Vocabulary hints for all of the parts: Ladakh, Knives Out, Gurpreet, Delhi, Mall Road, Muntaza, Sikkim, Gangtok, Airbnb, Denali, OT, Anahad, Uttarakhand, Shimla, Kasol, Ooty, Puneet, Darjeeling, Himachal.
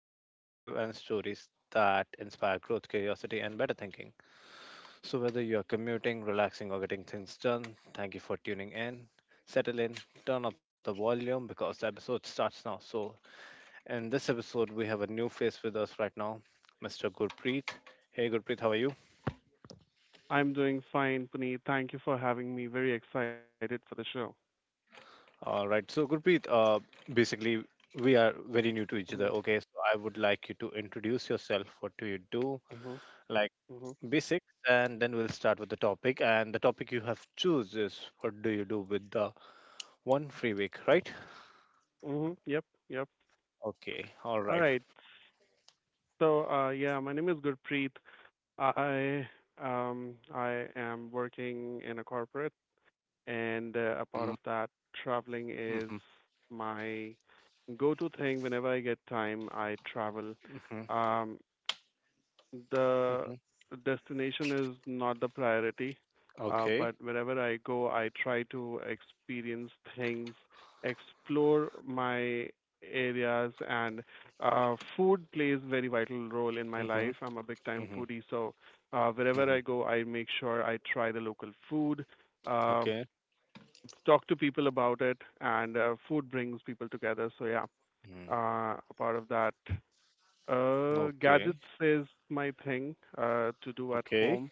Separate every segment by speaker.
Speaker 1: fresh perspective, and stories that inspire growth, curiosity, and better thinking. So, whether you're commuting, relaxing, or getting things done, thank you for tuning in. Settle in, turn up the volume because the episode starts now. So, in this episode, we have a new face with us right now, Mr. Gurpreet. Hey, Gurpreet, how are you?
Speaker 2: I'm doing fine, Puneet. Thank you for having me. Very excited for the show.
Speaker 1: All right. So, Gurpreet, basically, we are very new to each
Speaker 2: Mhm,
Speaker 1: other. Okay. So, I would like you to introduce yourself. What do you do?
Speaker 2: mhm,
Speaker 1: Like
Speaker 2: mhm,
Speaker 1: basics, and then we'll start with the topic. And the topic you have choose is what do you do with the one free week, right?
Speaker 2: mhm. Yep, yep.
Speaker 1: Okay. All
Speaker 2: All
Speaker 1: right.
Speaker 2: right. So, yeah, my name is Gurpreet. I I am working in a corporate, and a part
Speaker 1: Mhm,
Speaker 2: of that, traveling is
Speaker 1: mhm,
Speaker 2: my go-to thing. Whenever I get time, I travel.
Speaker 1: mhm,
Speaker 2: Um, The
Speaker 1: mhm.
Speaker 2: destination is not the priority,
Speaker 1: Okay.
Speaker 2: but wherever I go, I try to experience things, explore my areas, and food plays very vital role in my life.
Speaker 1: Mhm,
Speaker 2: I'm a big time
Speaker 1: mhm,
Speaker 2: foodie, so wherever I
Speaker 1: mhm.
Speaker 2: go, I make sure I try the local food, um,
Speaker 1: Okay.
Speaker 2: talk to people about it, and food brings people together. So yeah,
Speaker 1: Mhm.
Speaker 2: a part of that. Gadgets
Speaker 1: Okay.
Speaker 2: is my thing to do at
Speaker 1: Okay.
Speaker 2: home.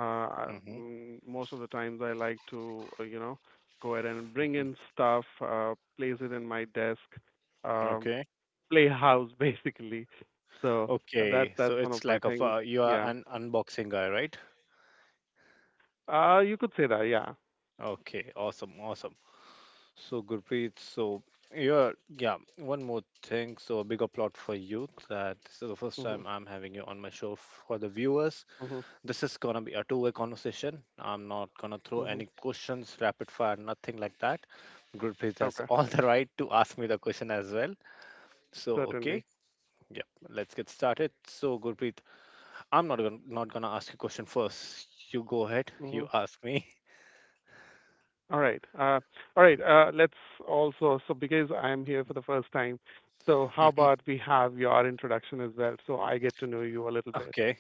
Speaker 2: Uh, I-
Speaker 1: Mhm,
Speaker 2: mm, most of the times I like to, go ahead and bring
Speaker 1: mhm.
Speaker 2: in stuff, place it in my desk, um,
Speaker 1: Okay.
Speaker 2: play house basically. So that's
Speaker 1: Okay.
Speaker 2: that's
Speaker 1: So
Speaker 2: one of
Speaker 1: it's
Speaker 2: my
Speaker 1: like a
Speaker 2: things.
Speaker 1: you are
Speaker 2: Yeah.
Speaker 1: an unboxing guy, right?
Speaker 2: You could say that. Yeah.
Speaker 1: Okay, awesome, awesome. So, Gurpreet, so you're, yeah, one more thing. So, a bigger plot for you that this is the first
Speaker 2: Mhm.
Speaker 1: time I'm having you on my show. For the viewers,
Speaker 2: Mhm.
Speaker 1: this is gonna be a two-way conversation. I'm not gonna throw
Speaker 2: Mhm.
Speaker 1: any questions, rapid fire, nothing like that. Gurpreet has
Speaker 2: Okay.
Speaker 1: all the right to ask me the question as well. So, okay,
Speaker 2: Certainly.
Speaker 1: yeah, let's get started. So, Gurpreet, I'm not gonna ask you question first. You go ahead, you
Speaker 2: Mhm.
Speaker 1: ask me.
Speaker 2: All right. Let's also, so because I'm here for the first time, so how
Speaker 1: Mhm.
Speaker 2: about we have your introduction as well, so I get to know you a little bit.
Speaker 1: Okay.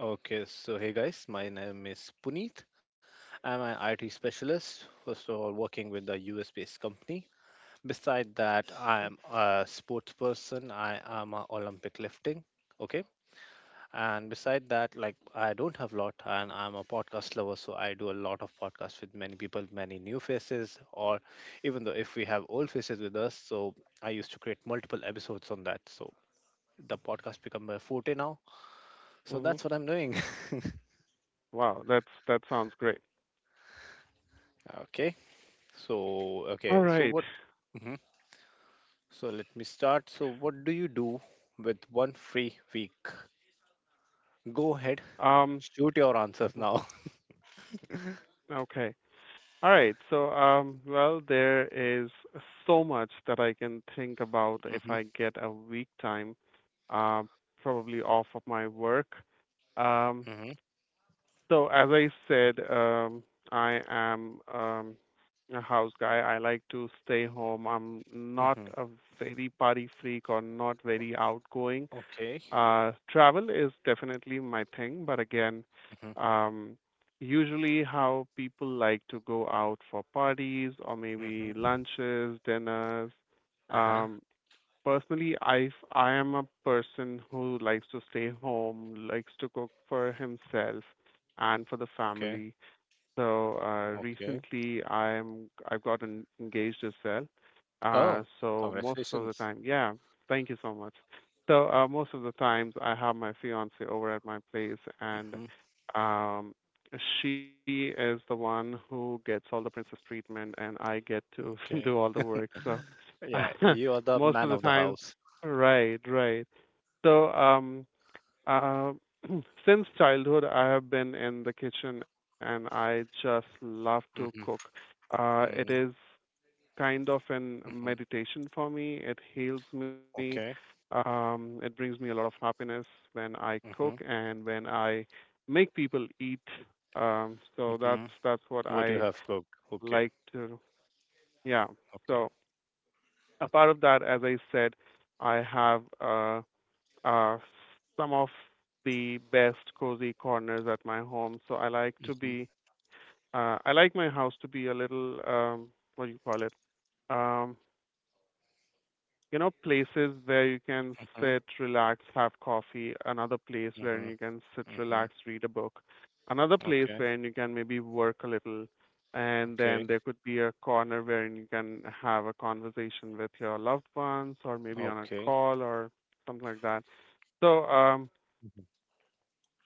Speaker 1: Okay, so hey guys, my name is Puneet. I'm an IT specialist, first of all, working with a US based company. Beside that, I am a sports person, I am a Olympic lifting. Okay, and beside that, like I don't have lot, and I'm a podcast lover, so I do a lot of podcasts with many people, many new faces, or even though if we have old faces with us, so I used to create multiple episodes on that. So the podcast become my forte now, so
Speaker 2: Hmm.
Speaker 1: that's what I'm doing.
Speaker 2: Wow, that sounds great.
Speaker 1: Okay. So,
Speaker 2: All
Speaker 1: okay, so
Speaker 2: right.
Speaker 1: what? Hmm. So let me start. So, what do you do with one free week? Go ahead,
Speaker 2: Um,
Speaker 1: shoot your answers now.
Speaker 2: mhm. Okay. All right. So, well, there is so much that I can think about if
Speaker 1: Hmm.
Speaker 2: I get a week time, uh, probably off of my work. Um,
Speaker 1: Hmm.
Speaker 2: So as I said, I am a house guy. I like to stay home. I'm not
Speaker 1: Hmm.
Speaker 2: a very party freak or not very outgoing.
Speaker 1: Okay.
Speaker 2: Travel is definitely my thing, but again,
Speaker 1: Hmm.
Speaker 2: um, usually how people like to go out for parties or maybe
Speaker 1: Hmm.
Speaker 2: lunches, dinners.
Speaker 1: Uh huh.
Speaker 2: Um, Personally, I am a person who likes to stay home, likes to cook for himself and for the
Speaker 1: Okay.
Speaker 2: family. So
Speaker 1: Okay.
Speaker 2: recently, I've gotten engaged as well. Uh,
Speaker 1: Oh,
Speaker 2: so most of the
Speaker 1: congratulations.
Speaker 2: time, yeah, thank you so much. So most of the times, I have my fiance over at my place, and
Speaker 1: Hmm.
Speaker 2: um, she is the one who gets all the princess treatment, and I get to
Speaker 1: Okay.
Speaker 2: do all the work. So
Speaker 1: Yeah, you are the
Speaker 2: most
Speaker 1: man
Speaker 2: of
Speaker 1: of
Speaker 2: the
Speaker 1: the
Speaker 2: times,
Speaker 1: house.
Speaker 2: right, right. So uh, since childhood, I have been in the kitchen and I just love to
Speaker 1: Hmm.
Speaker 2: cook. It
Speaker 1: Hmm.
Speaker 2: is kind of an
Speaker 1: Hmm.
Speaker 2: meditation for me. It heals me.
Speaker 1: Okay.
Speaker 2: It brings me a lot of happiness when I cook
Speaker 1: Hmm.
Speaker 2: and when I make people eat. So that's
Speaker 1: Hmm.
Speaker 2: that's what
Speaker 1: What you
Speaker 2: I
Speaker 1: have cooked? Okay,
Speaker 2: like to. Yeah.
Speaker 1: okay.
Speaker 2: So apart of that, as I said, I have are some of the best cozy corners at my home.
Speaker 1: Mm-hmm,
Speaker 2: I like my house to be a little, what do you call it? Um, places where you can
Speaker 1: mm-hmm,
Speaker 2: sit, relax, have coffee. Another place where
Speaker 1: mm-hmm,
Speaker 2: you can sit,
Speaker 1: mm-hmm.
Speaker 2: relax, read a book. Another place
Speaker 1: Okay,
Speaker 2: where you can maybe work a little. And then
Speaker 1: okay,
Speaker 2: there could be a corner where you can have a conversation with your loved ones or maybe on a
Speaker 1: okay.
Speaker 2: call or something like that. So,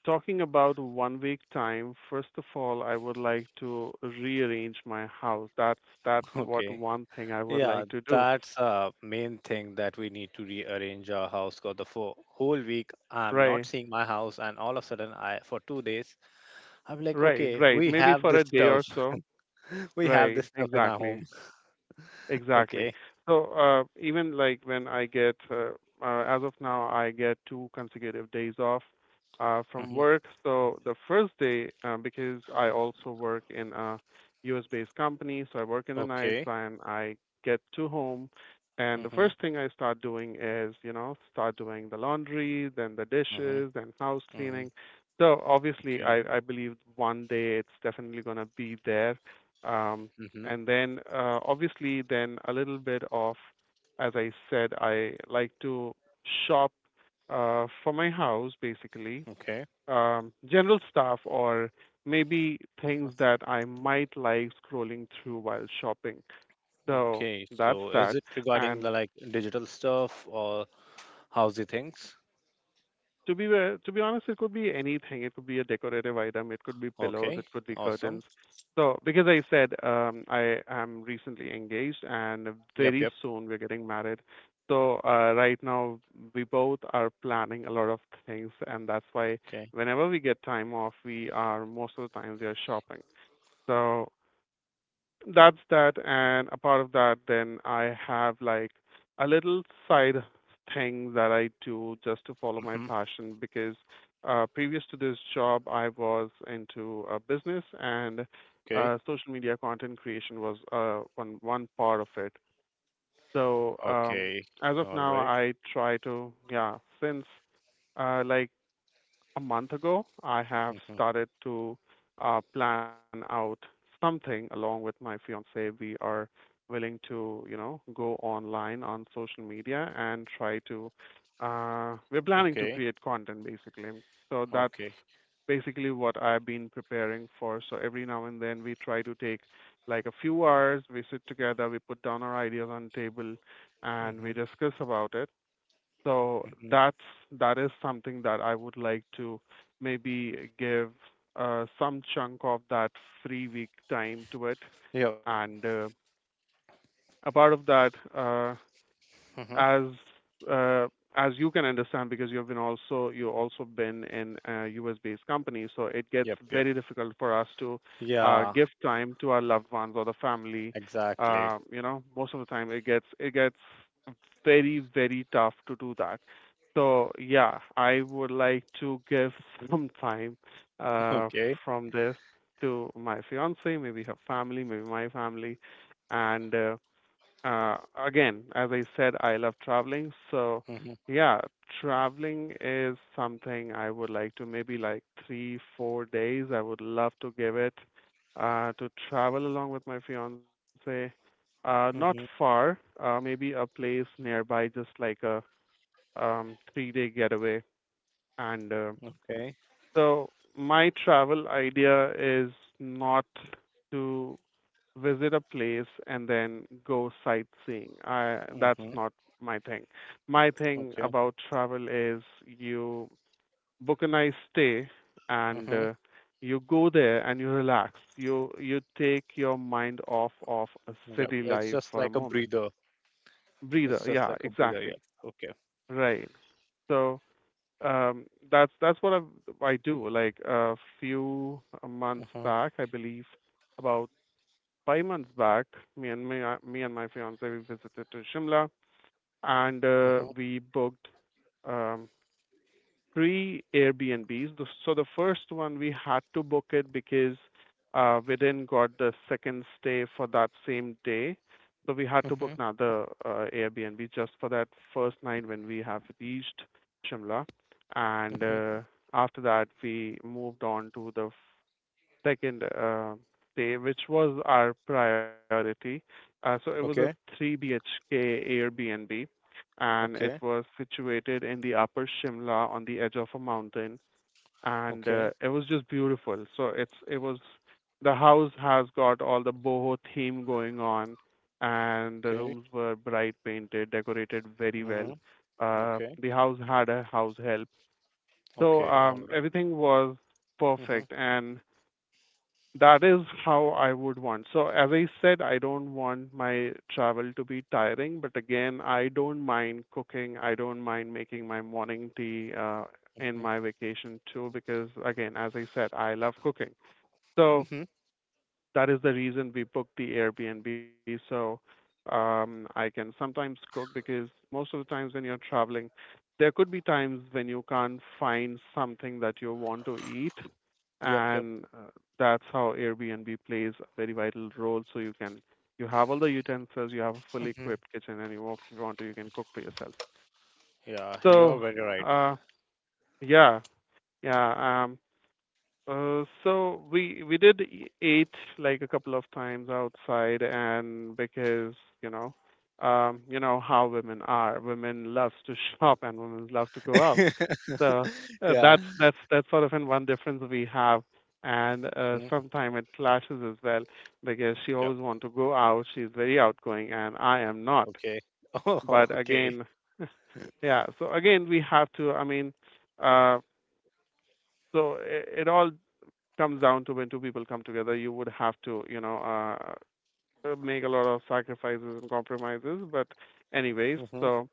Speaker 2: talking about one week time, first of all, I would like to rearrange my house. That's what
Speaker 1: Okay.
Speaker 2: one thing I would
Speaker 1: Yeah,
Speaker 2: like to do.
Speaker 1: that's a main thing that we need to rearrange our house for the whole week. I'm not
Speaker 2: Right,
Speaker 1: seeing my house, and all of a sudden, I for 2 days, I'm like,
Speaker 2: right,
Speaker 1: okay,
Speaker 2: right.
Speaker 1: we
Speaker 2: Maybe
Speaker 1: have
Speaker 2: for
Speaker 1: this
Speaker 2: a day
Speaker 1: stuff.
Speaker 2: or so.
Speaker 1: We have
Speaker 2: Right,
Speaker 1: this stuff in our
Speaker 2: exactly.
Speaker 1: home.
Speaker 2: Exactly.
Speaker 1: Okay.
Speaker 2: So even like when I get, as of now, I get two consecutive days off from
Speaker 1: Hmm.
Speaker 2: work. So the first day, because I also work in a US-based company, so I work in the nights
Speaker 1: Okay.
Speaker 2: and I get to home. And the
Speaker 1: Hmm.
Speaker 2: first thing I start doing is, start doing the laundry, then the
Speaker 1: Hmm.
Speaker 2: dishes, then house
Speaker 1: Hmm.
Speaker 2: cleaning. So obviously,
Speaker 1: Okay.
Speaker 2: I believe one day it's definitely going to be there. Um,
Speaker 1: Hmm.
Speaker 2: and then, obviously, then a little bit of, as I said, I like to shop for my house, basically,
Speaker 1: Okay.
Speaker 2: general stuff or maybe things that I might like scrolling through while shopping. So
Speaker 1: Okay.
Speaker 2: that's
Speaker 1: So, is
Speaker 2: that.
Speaker 1: it regarding the
Speaker 2: And
Speaker 1: like digital stuff or housey things?
Speaker 2: To be honest, it could be anything. It could be a decorative item. It could be pillows. It
Speaker 1: Okay.
Speaker 2: could be
Speaker 1: Awesome.
Speaker 2: curtains. So because I said I am recently engaged and
Speaker 1: Yep. Yep.
Speaker 2: very soon we're getting married. So right now we both are planning a lot of things, and that's why
Speaker 1: Okay.
Speaker 2: whenever we get time off, we are most of the time we are shopping. So that's that, and a part of that, then I have like a little side thing that I do just to follow my
Speaker 1: Hmm.
Speaker 2: passion because previous to this job, I was into business and
Speaker 1: Okay.
Speaker 2: social media content creation was one part of it. So
Speaker 1: Okay.
Speaker 2: as of
Speaker 1: All
Speaker 2: now,
Speaker 1: right.
Speaker 2: I try to yeah since like a month ago, I have
Speaker 1: Mhm.
Speaker 2: started to plan out something along with my fiance. We are willing to, go online on social media and try to. We're planning to
Speaker 1: Okay.
Speaker 2: create content basically. So that's
Speaker 1: Okay.
Speaker 2: basically what I've been preparing for. So every now and then we try to take like a few hours. We sit together, we put down our ideas on table, and
Speaker 1: Mm-hmm.
Speaker 2: we discuss about it. So
Speaker 1: Mm-hmm.
Speaker 2: that is something that I would like to maybe give some chunk of that free week time to it.
Speaker 1: Yep.
Speaker 2: And a part of that,
Speaker 1: Mm-hmm.
Speaker 2: as uh, as you can understand because you also been in a US based company, so it gets
Speaker 1: Yep. Yep.
Speaker 2: very difficult for us to
Speaker 1: Yeah.
Speaker 2: give time to our loved ones or the family,
Speaker 1: Exactly.
Speaker 2: most of the time it gets very very tough to do that. So yeah, I would like to give some time uh,
Speaker 1: Okay.
Speaker 2: from this to my fiance, maybe her family, maybe my family. And uh, again, as I said, I love traveling. So,
Speaker 1: Mm-hmm.
Speaker 2: yeah, traveling is something I would like to maybe like 3, 4 days. I would love to give it to travel along with my fiance. Not
Speaker 1: Mm-hmm.
Speaker 2: far, maybe a place nearby, just like a 3-day getaway, and
Speaker 1: Okay.
Speaker 2: so my travel idea is not to visit a place and then go sightseeing. I That's
Speaker 1: Mm-hmm.
Speaker 2: not my thing. My thing
Speaker 1: Okay.
Speaker 2: about travel is you book a nice stay, and
Speaker 1: Mm-hmm.
Speaker 2: you go there and you relax. You take your mind off of a
Speaker 1: Yep.
Speaker 2: city
Speaker 1: It's
Speaker 2: life
Speaker 1: just
Speaker 2: for a
Speaker 1: like a
Speaker 2: moment.
Speaker 1: breather.
Speaker 2: Breather,
Speaker 1: It's just
Speaker 2: yeah,
Speaker 1: like a breather.
Speaker 2: exactly.
Speaker 1: Yep. Okay.
Speaker 2: Right. So that's what I do. Like a few months
Speaker 1: Mm-hmm.
Speaker 2: back, I believe about 5 months back, me and my fiance, we visited to Shimla, and
Speaker 1: Mm-hmm.
Speaker 2: we booked um three Airbnbs. So the first one we had to book it because we didn't got the second stay for that same day. So we had to
Speaker 1: Mm-hmm.
Speaker 2: book another Airbnb just for that first night when we have reached Shimla. And
Speaker 1: Mm-hmm.
Speaker 2: after that, we moved on to the second stay, which was our priority. So it was a
Speaker 1: Okay.
Speaker 2: 3 BHK Airbnb, and
Speaker 1: Okay.
Speaker 2: it was situated in the upper Shimla on the edge of a mountain, and
Speaker 1: Okay.
Speaker 2: it was just beautiful. So it's it was the house has got all the boho theme going on, and the
Speaker 1: Okay.
Speaker 2: rooms were bright painted, decorated very well.
Speaker 1: Mm-hmm.
Speaker 2: Uh,
Speaker 1: Okay.
Speaker 2: the house had a house help, so
Speaker 1: Okay. All right.
Speaker 2: everything was
Speaker 1: Mm-hmm.
Speaker 2: perfect, and that is how I would want. So, as I said, I don't want my travel to be tiring, but again, I don't mind cooking. I don't mind making my morning tea in my
Speaker 1: Mm-hmm.
Speaker 2: vacation too, because again, as I said, I love cooking. So,
Speaker 1: Mm-hmm.
Speaker 2: that is the reason we booked the Airbnb. So I can sometimes cook because most of the times when you're traveling, there could be times when you can't find something that you want to eat,
Speaker 1: Yep. Yep.
Speaker 2: and that's how Airbnb plays a very vital role. You have all the utensils, you have a fully
Speaker 1: Mm-hmm.
Speaker 2: equipped kitchen, and you, if you want to, you can cook for yourself.
Speaker 1: Yeah. You are
Speaker 2: So,
Speaker 1: very right.
Speaker 2: uh, yeah, yeah. So eat like a couple of times outside, and because you know, you know how women are. Women loves to shop and women love to go out. So
Speaker 1: Yeah.
Speaker 2: that's sort of an one difference we have, and
Speaker 1: Mm-hmm.
Speaker 2: sometimes it clashes as well because she
Speaker 1: Yep.
Speaker 2: always want to go out. She's very outgoing, and I am not.
Speaker 1: Okay. Oh,
Speaker 2: But
Speaker 1: okay.
Speaker 2: again, yeah. So again, we have to. I mean, uh, so it all comes down to when two people come together, you would have to, make a lot of sacrifices and compromises. But anyways,
Speaker 1: Mm-hmm.
Speaker 2: so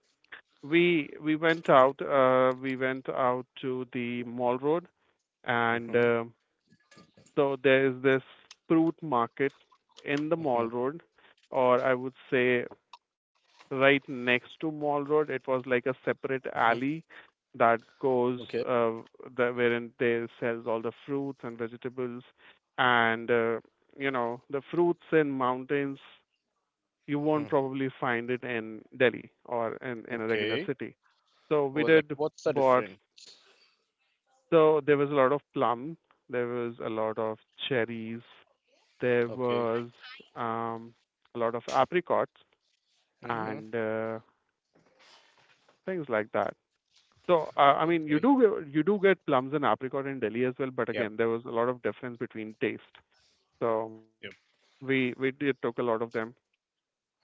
Speaker 2: we went out to the Mall Road, and
Speaker 1: Mm-hmm.
Speaker 2: so there is this fruit market in the
Speaker 1: Mm-hmm.
Speaker 2: Mall Road, or I would say right next to Mall Road. It was like a separate
Speaker 1: Mm-hmm.
Speaker 2: alley that goes
Speaker 1: Okay.
Speaker 2: wherein they sells all the fruits and vegetables, and you know the fruits in mountains. You won't probably
Speaker 1: Mm-hmm.
Speaker 2: find it in Delhi or in a regular
Speaker 1: Okay.
Speaker 2: city. So we
Speaker 1: Well, like,
Speaker 2: did
Speaker 1: what's the
Speaker 2: bought.
Speaker 1: difference?
Speaker 2: So there was a lot of plum. There was a lot of cherries. There
Speaker 1: Okay.
Speaker 2: was um, a lot of apricots
Speaker 1: Mm-hmm.
Speaker 2: and things like that. So, I mean,
Speaker 1: Okay.
Speaker 2: you do get plums and apricot in Delhi as well, but
Speaker 1: Yep.
Speaker 2: again, there was a lot of difference between taste. So,
Speaker 1: Yep.
Speaker 2: we we did took a lot of them,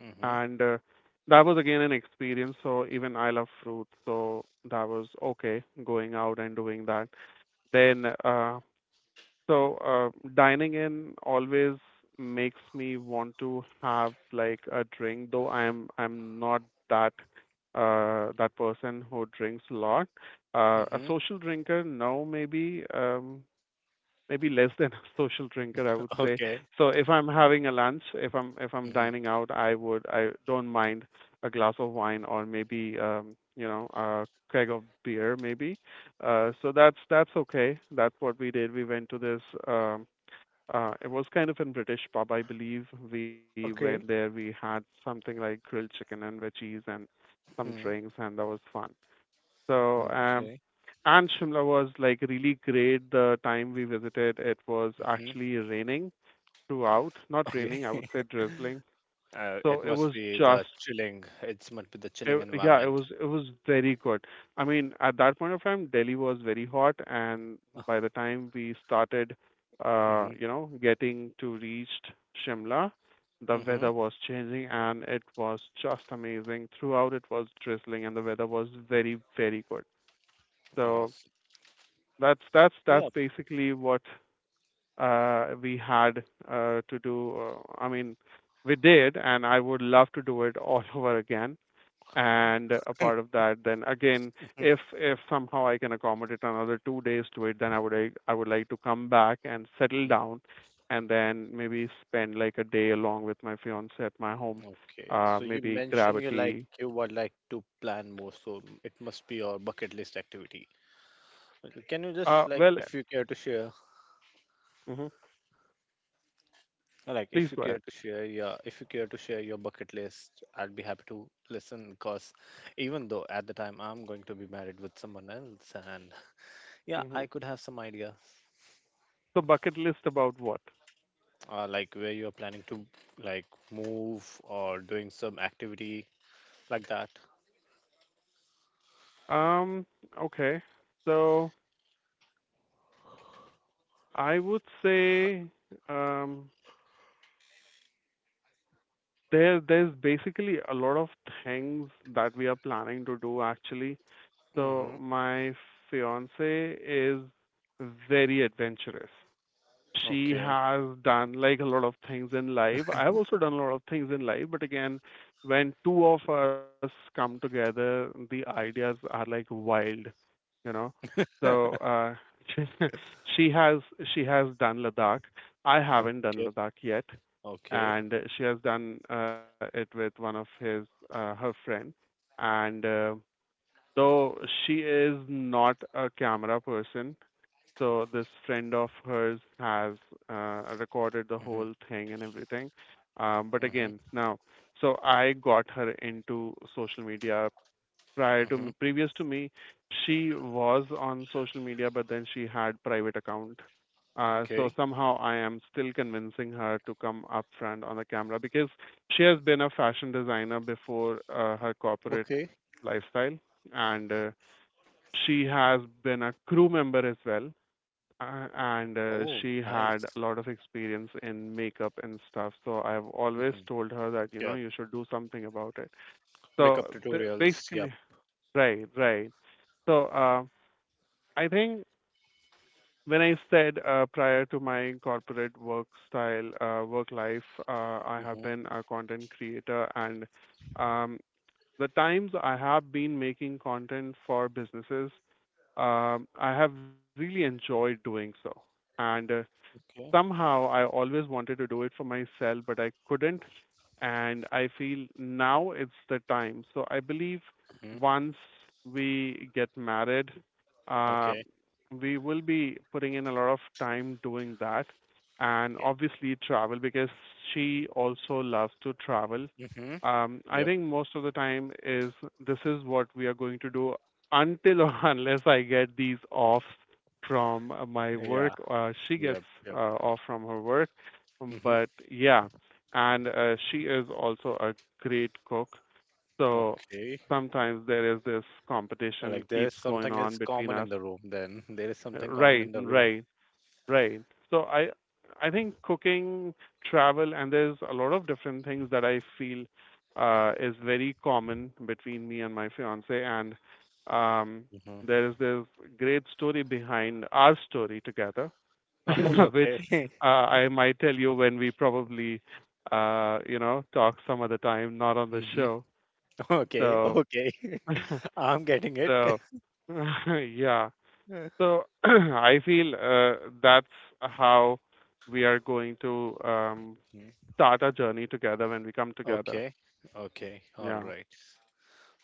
Speaker 1: Mm-hmm.
Speaker 2: and that was again an experience. So even I love fruit, so that was okay going out and doing that. Then so, dining in always makes me want to have like a drink, though I'm not that that person who drinks a lot. A
Speaker 1: Mm-hmm.
Speaker 2: social drinker, no, maybe. Maybe less than a social drinker, I would say.
Speaker 1: Okay.
Speaker 2: So if I'm having a lunch, if I'm
Speaker 1: Mm-hmm.
Speaker 2: dining out, I don't mind a glass of wine, or maybe a keg of beer maybe. So that's okay. That's what we did. We went to this um it was kind of in British pub, I believe. We went there.
Speaker 1: Okay.
Speaker 2: We had something like grilled chicken and veggies and some
Speaker 1: Mm-hmm.
Speaker 2: drinks, and that was fun. So,
Speaker 1: Okay.
Speaker 2: and Shimla was like really great. The time we visited, it was
Speaker 1: Mm-hmm.
Speaker 2: actually raining throughout. Not
Speaker 1: Okay.
Speaker 2: raining, I would say drizzling.
Speaker 1: It
Speaker 2: So it
Speaker 1: must
Speaker 2: was
Speaker 1: be the
Speaker 2: just,
Speaker 1: chilling. It must be the chilling
Speaker 2: yeah, it
Speaker 1: environment.
Speaker 2: was it was very good. I mean, at that point of time, Delhi was very hot, and by the time we started,
Speaker 1: Mm-hmm.
Speaker 2: you know, getting to reached Shimla, the
Speaker 1: Mm-hmm.
Speaker 2: weather was changing, and it was just amazing. Throughout, it was drizzling, and the weather was very very good. So
Speaker 1: Awesome.
Speaker 2: that's
Speaker 1: Yeah.
Speaker 2: basically what we had to do. I mean, we did, and I would love to do it all over again. And a part of that, then again, if somehow I can accommodate another 2 days to it, then I would like to come back and settle
Speaker 1: Mm,
Speaker 2: down, and then maybe spend like a day along with my fiance at my home.
Speaker 1: okay.
Speaker 2: Uh,
Speaker 1: So you
Speaker 2: maybe grab
Speaker 1: mentioned
Speaker 2: a
Speaker 1: you like
Speaker 2: tea.
Speaker 1: you would like to plan more, so it must be your bucket list activity. Okay, can you
Speaker 2: Uh,
Speaker 1: just like,
Speaker 2: well,
Speaker 1: if you care to share,
Speaker 2: mhm.
Speaker 1: like,
Speaker 2: Please
Speaker 1: if you
Speaker 2: go ahead.
Speaker 1: care to share, yeah, if you care to share your bucket list, I'd be happy to listen because even though at the time I'm going to be married with someone else, and yeah,
Speaker 2: hmm
Speaker 1: I could have some idea,
Speaker 2: So bucket list about what?
Speaker 1: like where you're planning to like move or doing some activity like that.
Speaker 2: Um, okay. So I would say um there's basically a lot of things that we are planning to do actually.
Speaker 1: Mm-hmm.
Speaker 2: So my fiance is very adventurous. She
Speaker 1: Okay.
Speaker 2: has done like a lot of things in life. I've also done a lot of things in life, but again, when two of us come together, the ideas are like wild, you know. So she she has she has done Ladakh. I haven't done
Speaker 1: Okay.
Speaker 2: Ladakh yet,
Speaker 1: Okay.
Speaker 2: and she has done it with one of his her friend. And though she is not a camera person, so this friend of hers has recorded the
Speaker 1: Mm-hmm.
Speaker 2: whole thing and everything. But again,
Speaker 1: Mm-hmm.
Speaker 2: now, so I got her into social media prior to
Speaker 1: Mm-hmm.
Speaker 2: me, previous to me. She was on social media, but then she had private account. So
Speaker 1: Okay.
Speaker 2: somehow I am still convincing her to come up front on the camera because she has been a fashion designer before her corporate
Speaker 1: Okay.
Speaker 2: lifestyle, and she has been a crew member as well, and
Speaker 1: Oh,
Speaker 2: she had a
Speaker 1: nice.
Speaker 2: lot of experience in makeup and stuff. So I've always
Speaker 1: Mm-hmm.
Speaker 2: told her that
Speaker 1: Yeah.
Speaker 2: you should do something about it.
Speaker 1: Makeup
Speaker 2: so th-
Speaker 1: tutorials. Yep.
Speaker 2: basically right, right, so I think when I said prior to my corporate work style, work life, I have
Speaker 1: Mm-hmm.
Speaker 2: been a content creator, and um, the times I have been making content for businesses, I have really enjoyed doing so. And
Speaker 1: Okay.
Speaker 2: somehow I always wanted to do it for myself, but I couldn't. And I feel now it's the time. So I believe
Speaker 1: Mhm.
Speaker 2: once we get married, uh,
Speaker 1: Okay.
Speaker 2: we will be putting in a lot of time doing that. And
Speaker 1: Yep.
Speaker 2: obviously, travel because she also loves to travel.
Speaker 1: Mhm.
Speaker 2: I
Speaker 1: Yep.
Speaker 2: think most of the time is this is what we are going to do until or unless I get these off from my work.
Speaker 1: Yeah.
Speaker 2: She gets
Speaker 1: Yep. Yep.
Speaker 2: off from her work,
Speaker 1: Mhm.
Speaker 2: but yeah, and she is also a great cook. So
Speaker 1: Okay.
Speaker 2: sometimes there is this competition
Speaker 1: Like there's
Speaker 2: keeps going
Speaker 1: something is
Speaker 2: on between
Speaker 1: common
Speaker 2: us.
Speaker 1: in the room. Then there is something common in
Speaker 2: Right,
Speaker 1: the room.
Speaker 2: right, right. So I think cooking, travel, and there's a lot of different things that I feel is very common between me and my fiance, and um,
Speaker 1: Mhm.
Speaker 2: there is this great story behind our story together,
Speaker 1: Oh,
Speaker 2: which
Speaker 1: okay.
Speaker 2: I might tell you when we probably, talk some other time, not on the
Speaker 1: Mhm.
Speaker 2: show.
Speaker 1: Okay.
Speaker 2: So,
Speaker 1: Okay. I'm getting it.
Speaker 2: so, yeah. So I feel that's how we are going to
Speaker 1: Mhm.
Speaker 2: start our journey together when we come together.
Speaker 1: Okay. Okay. All
Speaker 2: Yeah.
Speaker 1: right.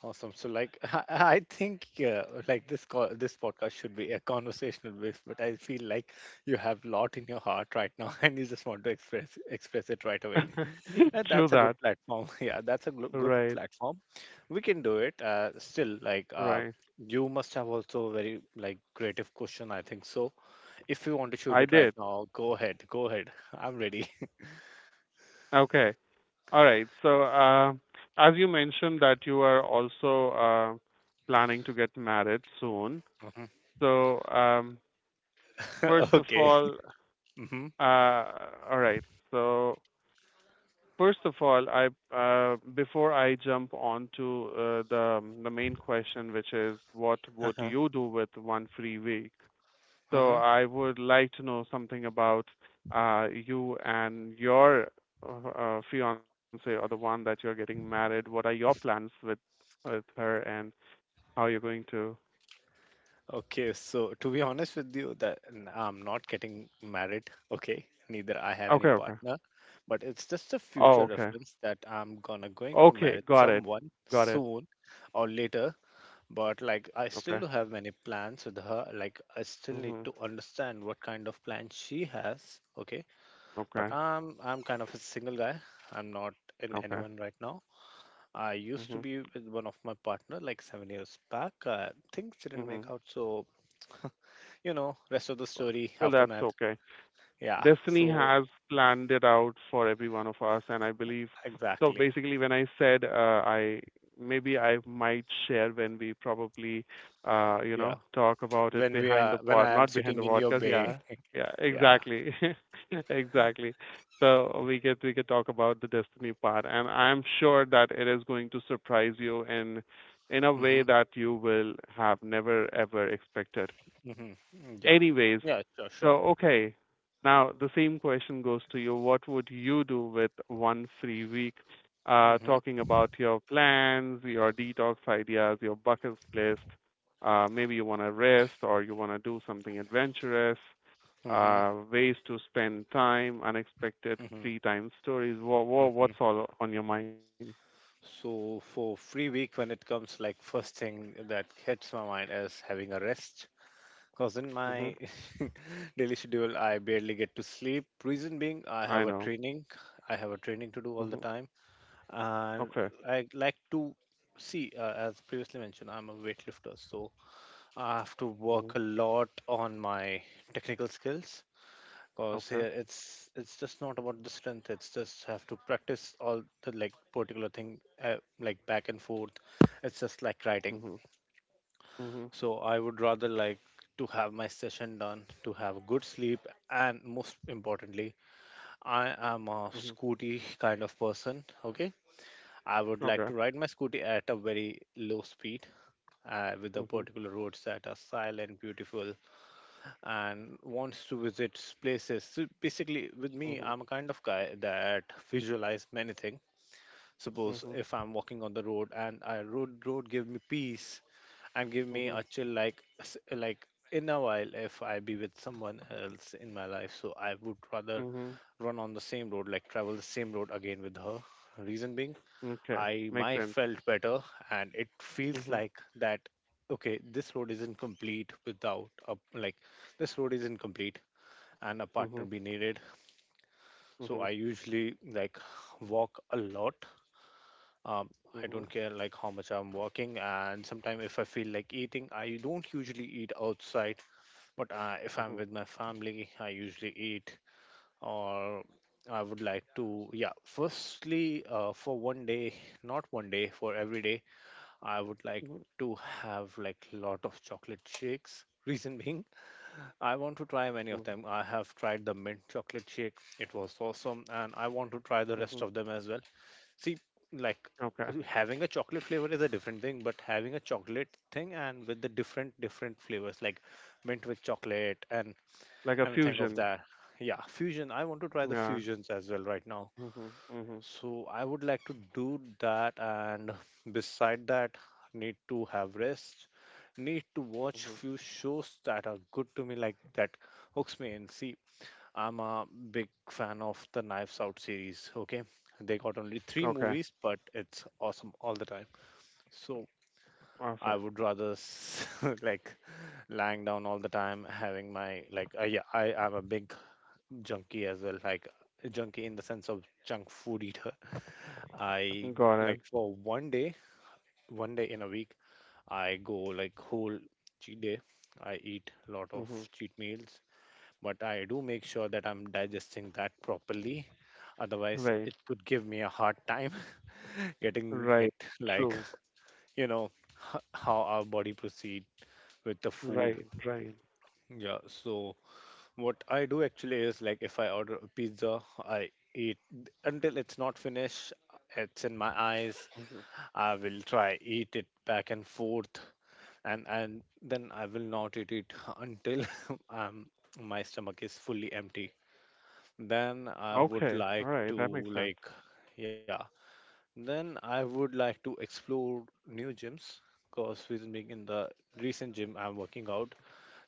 Speaker 1: Awesome. So, like, I think, like this call, this podcast should be a conversational base, but I feel like you have lot in your heart right now, and you just want to express it right away. Uh,
Speaker 2: True
Speaker 1: That's a good
Speaker 2: that.
Speaker 1: platform. Yeah, that's a good
Speaker 2: Right.
Speaker 1: platform. We can do it. Still, like
Speaker 2: Right.
Speaker 1: you must have also very like creative question. I think so. If you want to shoot
Speaker 2: I
Speaker 1: it right
Speaker 2: did.
Speaker 1: now, go ahead. Go ahead. I'm ready.
Speaker 2: Okay. All right. So, as you mentioned that you are also planning to get married soon.
Speaker 1: Mhm.
Speaker 2: So, first of
Speaker 1: Okay. Hmm.
Speaker 2: uh, all right. So, first of all, I before I jump on to the main question, which is what would
Speaker 1: Uh-huh.
Speaker 2: you do with one free week? So
Speaker 1: Uh-huh.
Speaker 2: I would like to know something about you and your fiance or the one that you're getting married. What are your plans with her and how you're going to?
Speaker 1: Okay. So to be honest with you, that I'm not getting married. Okay. Neither I have any
Speaker 2: Okay,
Speaker 1: partner,
Speaker 2: okay.
Speaker 1: but it's just a future
Speaker 2: Oh,
Speaker 1: reference
Speaker 2: okay.
Speaker 1: that I'm gonna going to
Speaker 2: Okay,
Speaker 1: marry
Speaker 2: got it.
Speaker 1: someone
Speaker 2: Got it.
Speaker 1: soon or later, but like I still do
Speaker 2: Okay.
Speaker 1: have many plans with her, like I still need to
Speaker 2: Mhm.
Speaker 1: understand what kind of plan she has. Okay. But
Speaker 2: Okay.
Speaker 1: I'm kind of a single guy. I'm not in
Speaker 2: Okay.
Speaker 1: anyone right now. I used to
Speaker 2: Mhm.
Speaker 1: be with one of my partner like 7 years back. Things didn't make
Speaker 2: Mhm.
Speaker 1: out, so you know rest of the story
Speaker 2: Well,
Speaker 1: after
Speaker 2: that's
Speaker 1: that.
Speaker 2: okay.
Speaker 1: Yeah,
Speaker 2: Destiny
Speaker 1: so
Speaker 2: has planned it out for every one of us, and I believe so.
Speaker 1: exactly,
Speaker 2: Basically, when I said I might share when we probably,
Speaker 1: yeah.
Speaker 2: talk about it
Speaker 1: when we
Speaker 2: behind
Speaker 1: are
Speaker 2: the
Speaker 1: When
Speaker 2: pod,
Speaker 1: I am
Speaker 2: not behind the
Speaker 1: sitting in your
Speaker 2: podcast. Yeah,
Speaker 1: bay,
Speaker 2: yeah,
Speaker 1: yeah.
Speaker 2: exactly, exactly. So we could talk about the destiny part, and I'm sure that it is going to surprise you in a
Speaker 1: Mm-hmm,
Speaker 2: way that you will have never ever expected.
Speaker 1: mm-hmm, mm, yeah,
Speaker 2: Anyways,
Speaker 1: yeah, sure,
Speaker 2: so
Speaker 1: sure.
Speaker 2: okay. Now the same question goes to you. What would you do with one free week?
Speaker 1: Mm-hmm,
Speaker 2: Talking about your plans, your detox ideas, your bucket list. Maybe you want to rest or you want to do something adventurous.
Speaker 1: mm-hmm,
Speaker 2: Ways to spend time, unexpected
Speaker 1: mm-hmm.
Speaker 2: free time stories. Wha wha
Speaker 1: Mm-hmm.
Speaker 2: what's all on your mind?
Speaker 1: So for free week, when it comes, like first thing that hits my mind is having a rest. Cause in
Speaker 2: Hmm.
Speaker 1: my daily schedule, I barely get to sleep. Reason being,
Speaker 2: I know.
Speaker 1: I have a training to do all the
Speaker 2: Hmm.
Speaker 1: time, and
Speaker 2: Okay.
Speaker 1: I like to see, as previously mentioned, I'm a weightlifter, so I have to
Speaker 2: Hmm.
Speaker 1: work a lot on my technical skills. Cause
Speaker 2: Okay.
Speaker 1: here it's just not about the strength. It's just have to practice all the like particular thing like back and forth. It's just like writing.
Speaker 2: Hmm. Hmm.
Speaker 1: So I would rather like to have my session done, to have a good sleep, and most importantly, I am a
Speaker 2: Hmm.
Speaker 1: scooty kind of person. Okay, I would like
Speaker 2: Okay.
Speaker 1: to ride my scooty at a very low speed, with the
Speaker 2: Hmm.
Speaker 1: particular roads that are silent, beautiful, and wants to visit places. So basically, with me,
Speaker 2: Hmm.
Speaker 1: I'm a kind of guy that visualize many things. Suppose
Speaker 2: Mhm.
Speaker 1: if I'm walking on the road and I road give me peace and give me
Speaker 2: Mhm.
Speaker 1: a chill like like in a while if I be with someone else in my life. So I would rather
Speaker 2: Mhm.
Speaker 1: run on the same road, like travel the same road again with her. Reason being
Speaker 2: Okay,
Speaker 1: I
Speaker 2: makes
Speaker 1: my
Speaker 2: sense.
Speaker 1: felt better, and it feels
Speaker 2: Mhm.
Speaker 1: like that. Okay, this road isn't complete, and a partner
Speaker 2: Mhm.
Speaker 1: be needed. So
Speaker 2: Mhm.
Speaker 1: I usually like walk a lot. Um,
Speaker 2: Mhm.
Speaker 1: I don't care like how much I'm walking, and sometimes if I feel like eating, I don't usually eat outside. But if I'm
Speaker 2: Mhm.
Speaker 1: with my family, I usually eat or I would like to, yeah, firstly, for one day, not one day, for every day, I would like
Speaker 2: Mhm.
Speaker 1: to have like lot of chocolate shakes. Reason being, I want to try many of
Speaker 2: Mhm.
Speaker 1: them. I have tried the mint chocolate shake; it was awesome, and I want to try the rest
Speaker 2: Mhm.
Speaker 1: of them as well. See, like
Speaker 2: Okay,
Speaker 1: having a chocolate flavor is a different thing, but having a chocolate thing and with the different different flavors, like mint with chocolate and
Speaker 2: like a
Speaker 1: and think of
Speaker 2: fusion.
Speaker 1: that. Yeah, fusion. I want to try the
Speaker 2: Yeah.
Speaker 1: fusions as well right now.
Speaker 2: Mhm. Mhm.
Speaker 1: So I would like to do that, and beside that need to have rest, need to watch
Speaker 2: Mhm.
Speaker 1: few shows that are good to me like that hooks me in. See, I'm a big fan of the Knives Out series, okay? They got only three
Speaker 2: Okay.
Speaker 1: movies, but it's awesome all the time. So I
Speaker 2: Awesome.
Speaker 1: would rather like lying down all the time, having my like yeah, I am a big junkie as well, like junkie in the sense of junk food eater. I
Speaker 2: Got it.
Speaker 1: like for one day in a week, I go like whole cheat day. I eat a lot of
Speaker 2: Mhm.
Speaker 1: cheat meals, but I do make sure that I'm digesting that properly. Otherwise,
Speaker 2: Right.
Speaker 1: it could give me a hard time getting
Speaker 2: Right.
Speaker 1: it like,
Speaker 2: True.
Speaker 1: you know, how our body proceed with the food.
Speaker 2: Right. Right.
Speaker 1: Yeah, so what I do actually is like if I order a pizza, I eat until it's not finished, it's in my
Speaker 2: Mhm.
Speaker 1: eyes I will try eat it back and forth, and then I will not eat it until um my stomach is fully empty. Then I would
Speaker 2: Okay. All
Speaker 1: like
Speaker 2: right.
Speaker 1: to
Speaker 2: That makes sense.
Speaker 1: like yeah. Then I would like to explore new gyms because with being in the recent gym I'm working out,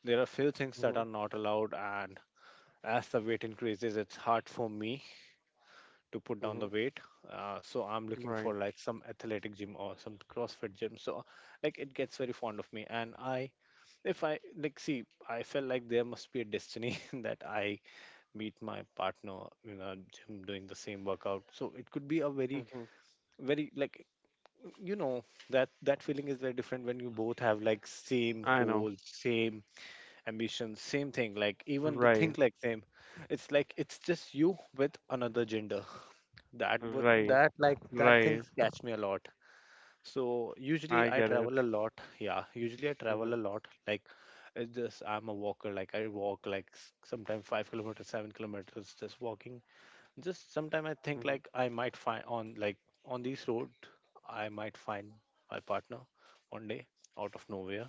Speaker 1: there are few things that
Speaker 2: Mhm.
Speaker 1: are not allowed, and as the weight increases, it's hard for me to put down the
Speaker 2: Mhm.
Speaker 1: weight. So I'm looking
Speaker 2: Right.
Speaker 1: for like some athletic gym or some CrossFit gym. So like it gets very fond of me, and I, if I like see, I felt like there must be a destiny that I meet my partner in a gym doing the same workout. So it could be a very
Speaker 2: Mhm.
Speaker 1: very like you know that feeling is very different when you both have like same
Speaker 2: I know.
Speaker 1: goal, same ambition, same thing. Like even the
Speaker 2: Right.
Speaker 1: think like same. It's like it's just you with another gender. That would
Speaker 2: Right.
Speaker 1: that like that
Speaker 2: Right.
Speaker 1: things catch me a lot. So usually
Speaker 2: I
Speaker 1: I
Speaker 2: get it.
Speaker 1: travel a lot. Yeah, usually I travel
Speaker 2: Mhm.
Speaker 1: a lot. Like it's just I'm a walker. Like I walk like sometimes 5 kilometers, 7 kilometers, just walking. Just sometimes I think
Speaker 2: Mhm.
Speaker 1: like I might find on like on this road I might find my partner one day out of nowhere.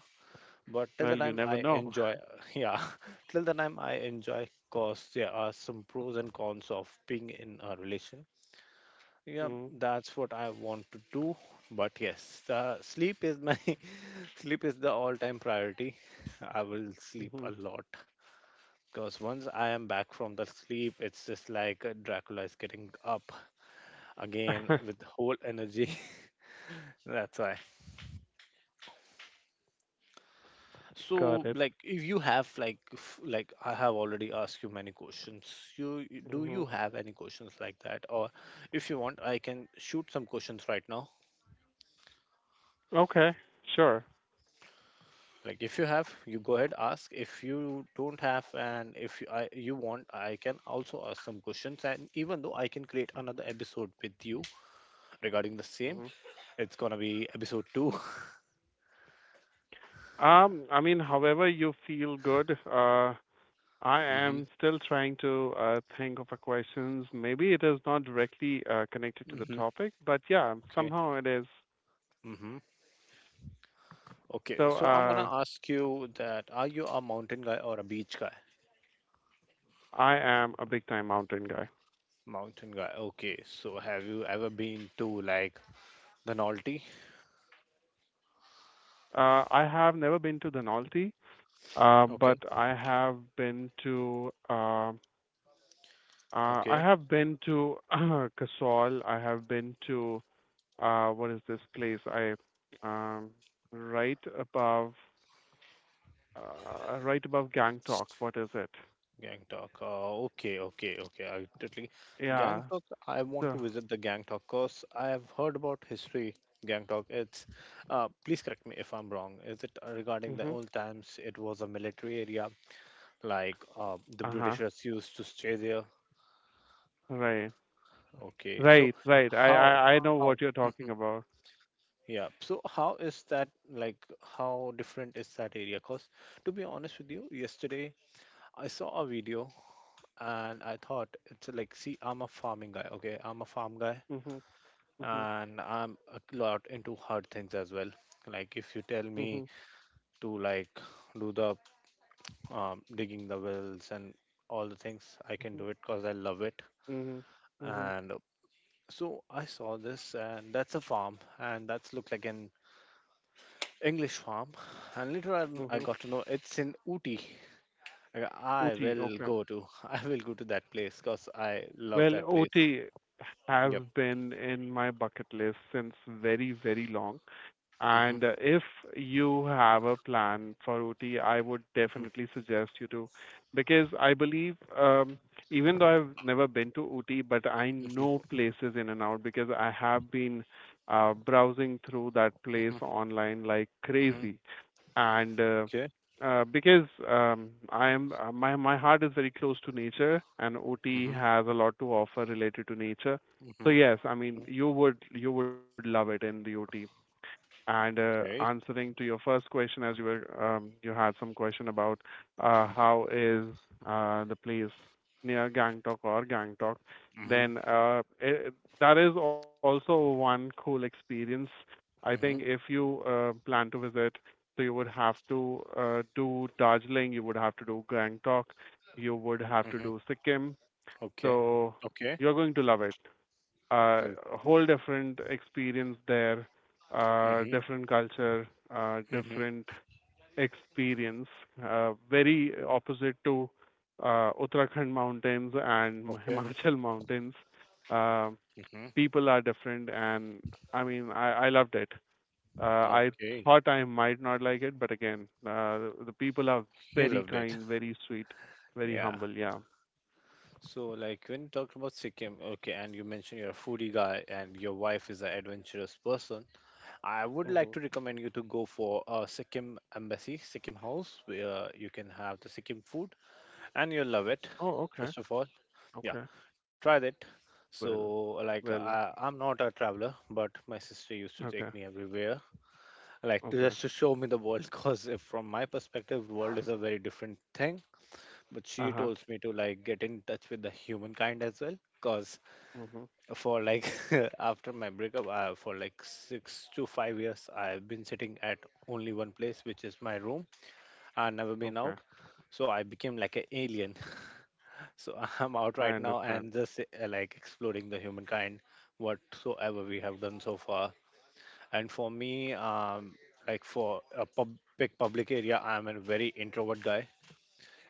Speaker 1: But till
Speaker 2: Well,
Speaker 1: the
Speaker 2: you
Speaker 1: time I
Speaker 2: never know.
Speaker 1: enjoy, yeah, till the time I enjoy, cause there are some pros and cons of being in a relation yeah, that's what I want to do. But yes, sleep is my sleep is the all-time priority. I will sleep
Speaker 2: Mm-hmm.
Speaker 1: a lot because once I am back from the sleep, it's just like Dracula is getting up again with whole energy. That's why.
Speaker 2: Got
Speaker 1: So,
Speaker 2: it.
Speaker 1: like, if you have like like I have already asked you many questions. You do
Speaker 2: Hmm.
Speaker 1: you have any questions like that, or if you want, I can shoot some questions right now.
Speaker 2: Okay, sure.
Speaker 1: Like if you have, you go ahead ask. If you don't have, and if you, you want, I can also ask some questions. And even though I can create another episode with you regarding the same,
Speaker 2: hmm
Speaker 1: it's gonna be episode 2.
Speaker 2: I mean, however you feel good, I
Speaker 1: hmm
Speaker 2: am still trying to think of a questions. Maybe it is not directly connected to the
Speaker 1: hmm
Speaker 2: topic, but yeah,
Speaker 1: Okay.
Speaker 2: somehow it is.
Speaker 1: hmm Okay.
Speaker 2: So,
Speaker 1: So I'm gonna ask you that: are you a mountain guy or a beach guy?
Speaker 2: I am a big time mountain guy.
Speaker 1: Mountain guy. Okay. So have you ever been to like the Nolte?
Speaker 2: I have never been to Denali, but
Speaker 1: Okay.
Speaker 2: I have been to. I
Speaker 1: Okay.
Speaker 2: have been to Kasol. I have been to what is this place? I um, right above, right above Gangtok. What is it?
Speaker 1: Gangtok. Okay, okay, okay. I totally
Speaker 2: Yeah.
Speaker 1: Gangtok. I want to
Speaker 2: So.
Speaker 1: visit the Gangtok because I have heard about history. Gangtok. It's. Please correct me if I'm wrong. Is it regarding the
Speaker 2: Mhm.
Speaker 1: old times? It was a military area, like the
Speaker 2: Uh huh.
Speaker 1: Britishers used to stay there.
Speaker 2: Right.
Speaker 1: Okay. So
Speaker 2: Right. Right. I,
Speaker 1: how
Speaker 2: I I know
Speaker 1: how?
Speaker 2: what you're
Speaker 1: Mhm.
Speaker 2: talking about.
Speaker 1: Yeah. So how is that like? How different is that area? Cause to be honest with you, yesterday I saw a video and I thought it's like, see, I'm a farming guy, okay? I'm a farm guy,
Speaker 2: Mhm. Mhm.
Speaker 1: and I'm a lot into hard things as well. Like, if you tell me
Speaker 2: Mhm.
Speaker 1: to like do the digging the wells and all the things, I can
Speaker 2: Mhm.
Speaker 1: do it because I love it.
Speaker 2: Mhm. Mhm.
Speaker 1: And so I saw this, and that's a farm, and that's looked like an English farm. And later on, I
Speaker 2: Mhm.
Speaker 1: got to know it's in Ooty. Like, I
Speaker 2: OT.
Speaker 1: will
Speaker 2: Okay.
Speaker 1: go to, I will go to that place because I love
Speaker 2: Well,
Speaker 1: that place.
Speaker 2: OT has
Speaker 1: Yep.
Speaker 2: been in my bucket list since very very long.
Speaker 1: Mm-hmm.
Speaker 2: And if you have a plan for OT, I would
Speaker 1: Mm-hmm.
Speaker 2: definitely suggest you to, because I believe, even though I've never been to OT, but I
Speaker 1: Mhm,
Speaker 2: know places in and out because I have been browsing through that place
Speaker 1: mhm,
Speaker 2: online like
Speaker 1: mhm.
Speaker 2: crazy. And
Speaker 1: Okay.
Speaker 2: because I am my my heart is very close to nature, and OT
Speaker 1: Mhm,
Speaker 2: has a lot to offer related to nature. So
Speaker 1: mhm,
Speaker 2: yes, I mean
Speaker 1: mhm.
Speaker 2: you would love it in the OT. And
Speaker 1: Okay.
Speaker 2: answering to your first question, as you were, you had some question about how is the place near Gangtok or Gangtok,
Speaker 1: Mhm,
Speaker 2: then that is also one cool experience. I think
Speaker 1: mhm,
Speaker 2: if you plan to visit, so you would have to do Darjeeling, you would have to do Gangtok, you would have to
Speaker 1: mhm.
Speaker 2: do Sikkim.
Speaker 1: Okay.
Speaker 2: So
Speaker 1: Okay.
Speaker 2: you're going to love it, uh,
Speaker 1: Good.
Speaker 2: a whole different experience there,
Speaker 1: Mhm,
Speaker 2: different culture,
Speaker 1: mhm.
Speaker 2: different experience, very opposite to Uttarakhand mountains and
Speaker 1: Okay.
Speaker 2: Himachal mountains. Uh,
Speaker 1: Mhm.
Speaker 2: People are different, and I mean, I loved it. Uh, I
Speaker 1: Okay.
Speaker 2: thought I might not like it, but again, the people are
Speaker 1: You
Speaker 2: very
Speaker 1: loved it.
Speaker 2: kind, very sweet, very
Speaker 1: Yeah.
Speaker 2: humble. Yeah.
Speaker 1: So, like, when you talked about Sikkim, okay, and you mentioned you're a foodie guy and your wife is an adventurous person, I would like
Speaker 2: Hmm.
Speaker 1: to recommend you to go for a Sikkim embassy, Sikkim house, where you can have the Sikkim food and you'll love it.
Speaker 2: Oh, okay.
Speaker 1: First of all, yeah,
Speaker 2: Okay.
Speaker 1: try that. So,
Speaker 2: Well,
Speaker 1: like,
Speaker 2: well,
Speaker 1: I'm not a traveler, but my sister used to
Speaker 2: okay.
Speaker 1: take me everywhere, like,
Speaker 2: Okay.
Speaker 1: just to show me the world. Because from my perspective, world is a very different thing. But she
Speaker 2: Uh-huh.
Speaker 1: told me to like get in touch with the humankind as well. Because
Speaker 2: Mhm.
Speaker 1: for like after my breakup, I, for like 6 to 5 years, I've been sitting at only one place, which is my room. I've never been
Speaker 2: Okay.
Speaker 1: out, so I became like an alien. So I'm out
Speaker 2: I
Speaker 1: right now
Speaker 2: understand.
Speaker 1: and just like exploring the humankind, whatsoever we have done so far. And for me, like for a big public area, I'm a very introvert guy.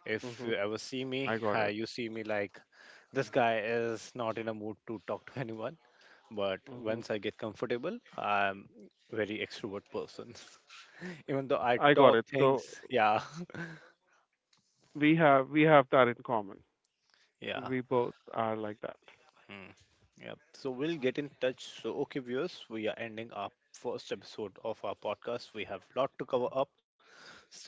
Speaker 1: If you
Speaker 2: Mhm.
Speaker 1: ever see me,
Speaker 2: I got it.
Speaker 1: you see me like this guy is not in a mood to talk to anyone. But
Speaker 2: Mhm.
Speaker 1: once I get comfortable, I'm very extrovert person. Even though
Speaker 2: I
Speaker 1: I
Speaker 2: got it.
Speaker 1: talk
Speaker 2: So
Speaker 1: things, yeah,
Speaker 2: we have that in common.
Speaker 1: yeah.
Speaker 2: We both are like that.
Speaker 1: Mm, yep. So we'll get in touch. So, okay, viewers, we are ending our first episode of our podcast. We have lot to cover up still,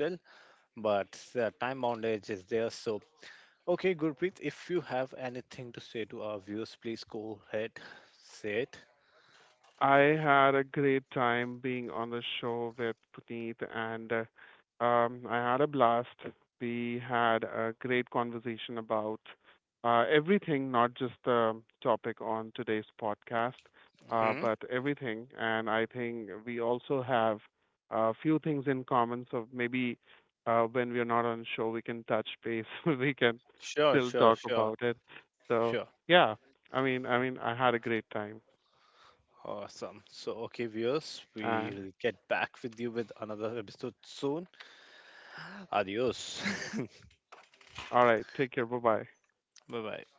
Speaker 1: but the time boundage is there. So, okay, Gurpreet, if you have anything to say to our viewers, please go ahead, say it.
Speaker 2: I had a great time being on the show with Puneet, and I had a blast. We had a great conversation about everything, not just the topic on today's podcast,
Speaker 1: Hmm
Speaker 2: but everything. And I think we also have a few things in common. So maybe when we are not on show, we can touch base. We can
Speaker 1: Sure,
Speaker 2: still
Speaker 1: sure,
Speaker 2: talk
Speaker 1: sure,
Speaker 2: about it. So
Speaker 1: sure.
Speaker 2: yeah, I mean, I had a great time,
Speaker 1: Awesome. So, okay, viewers,
Speaker 2: and
Speaker 1: we'll get back with you with another episode soon. Adios.
Speaker 2: All right. Take care. Bye-bye.
Speaker 1: Bye bye.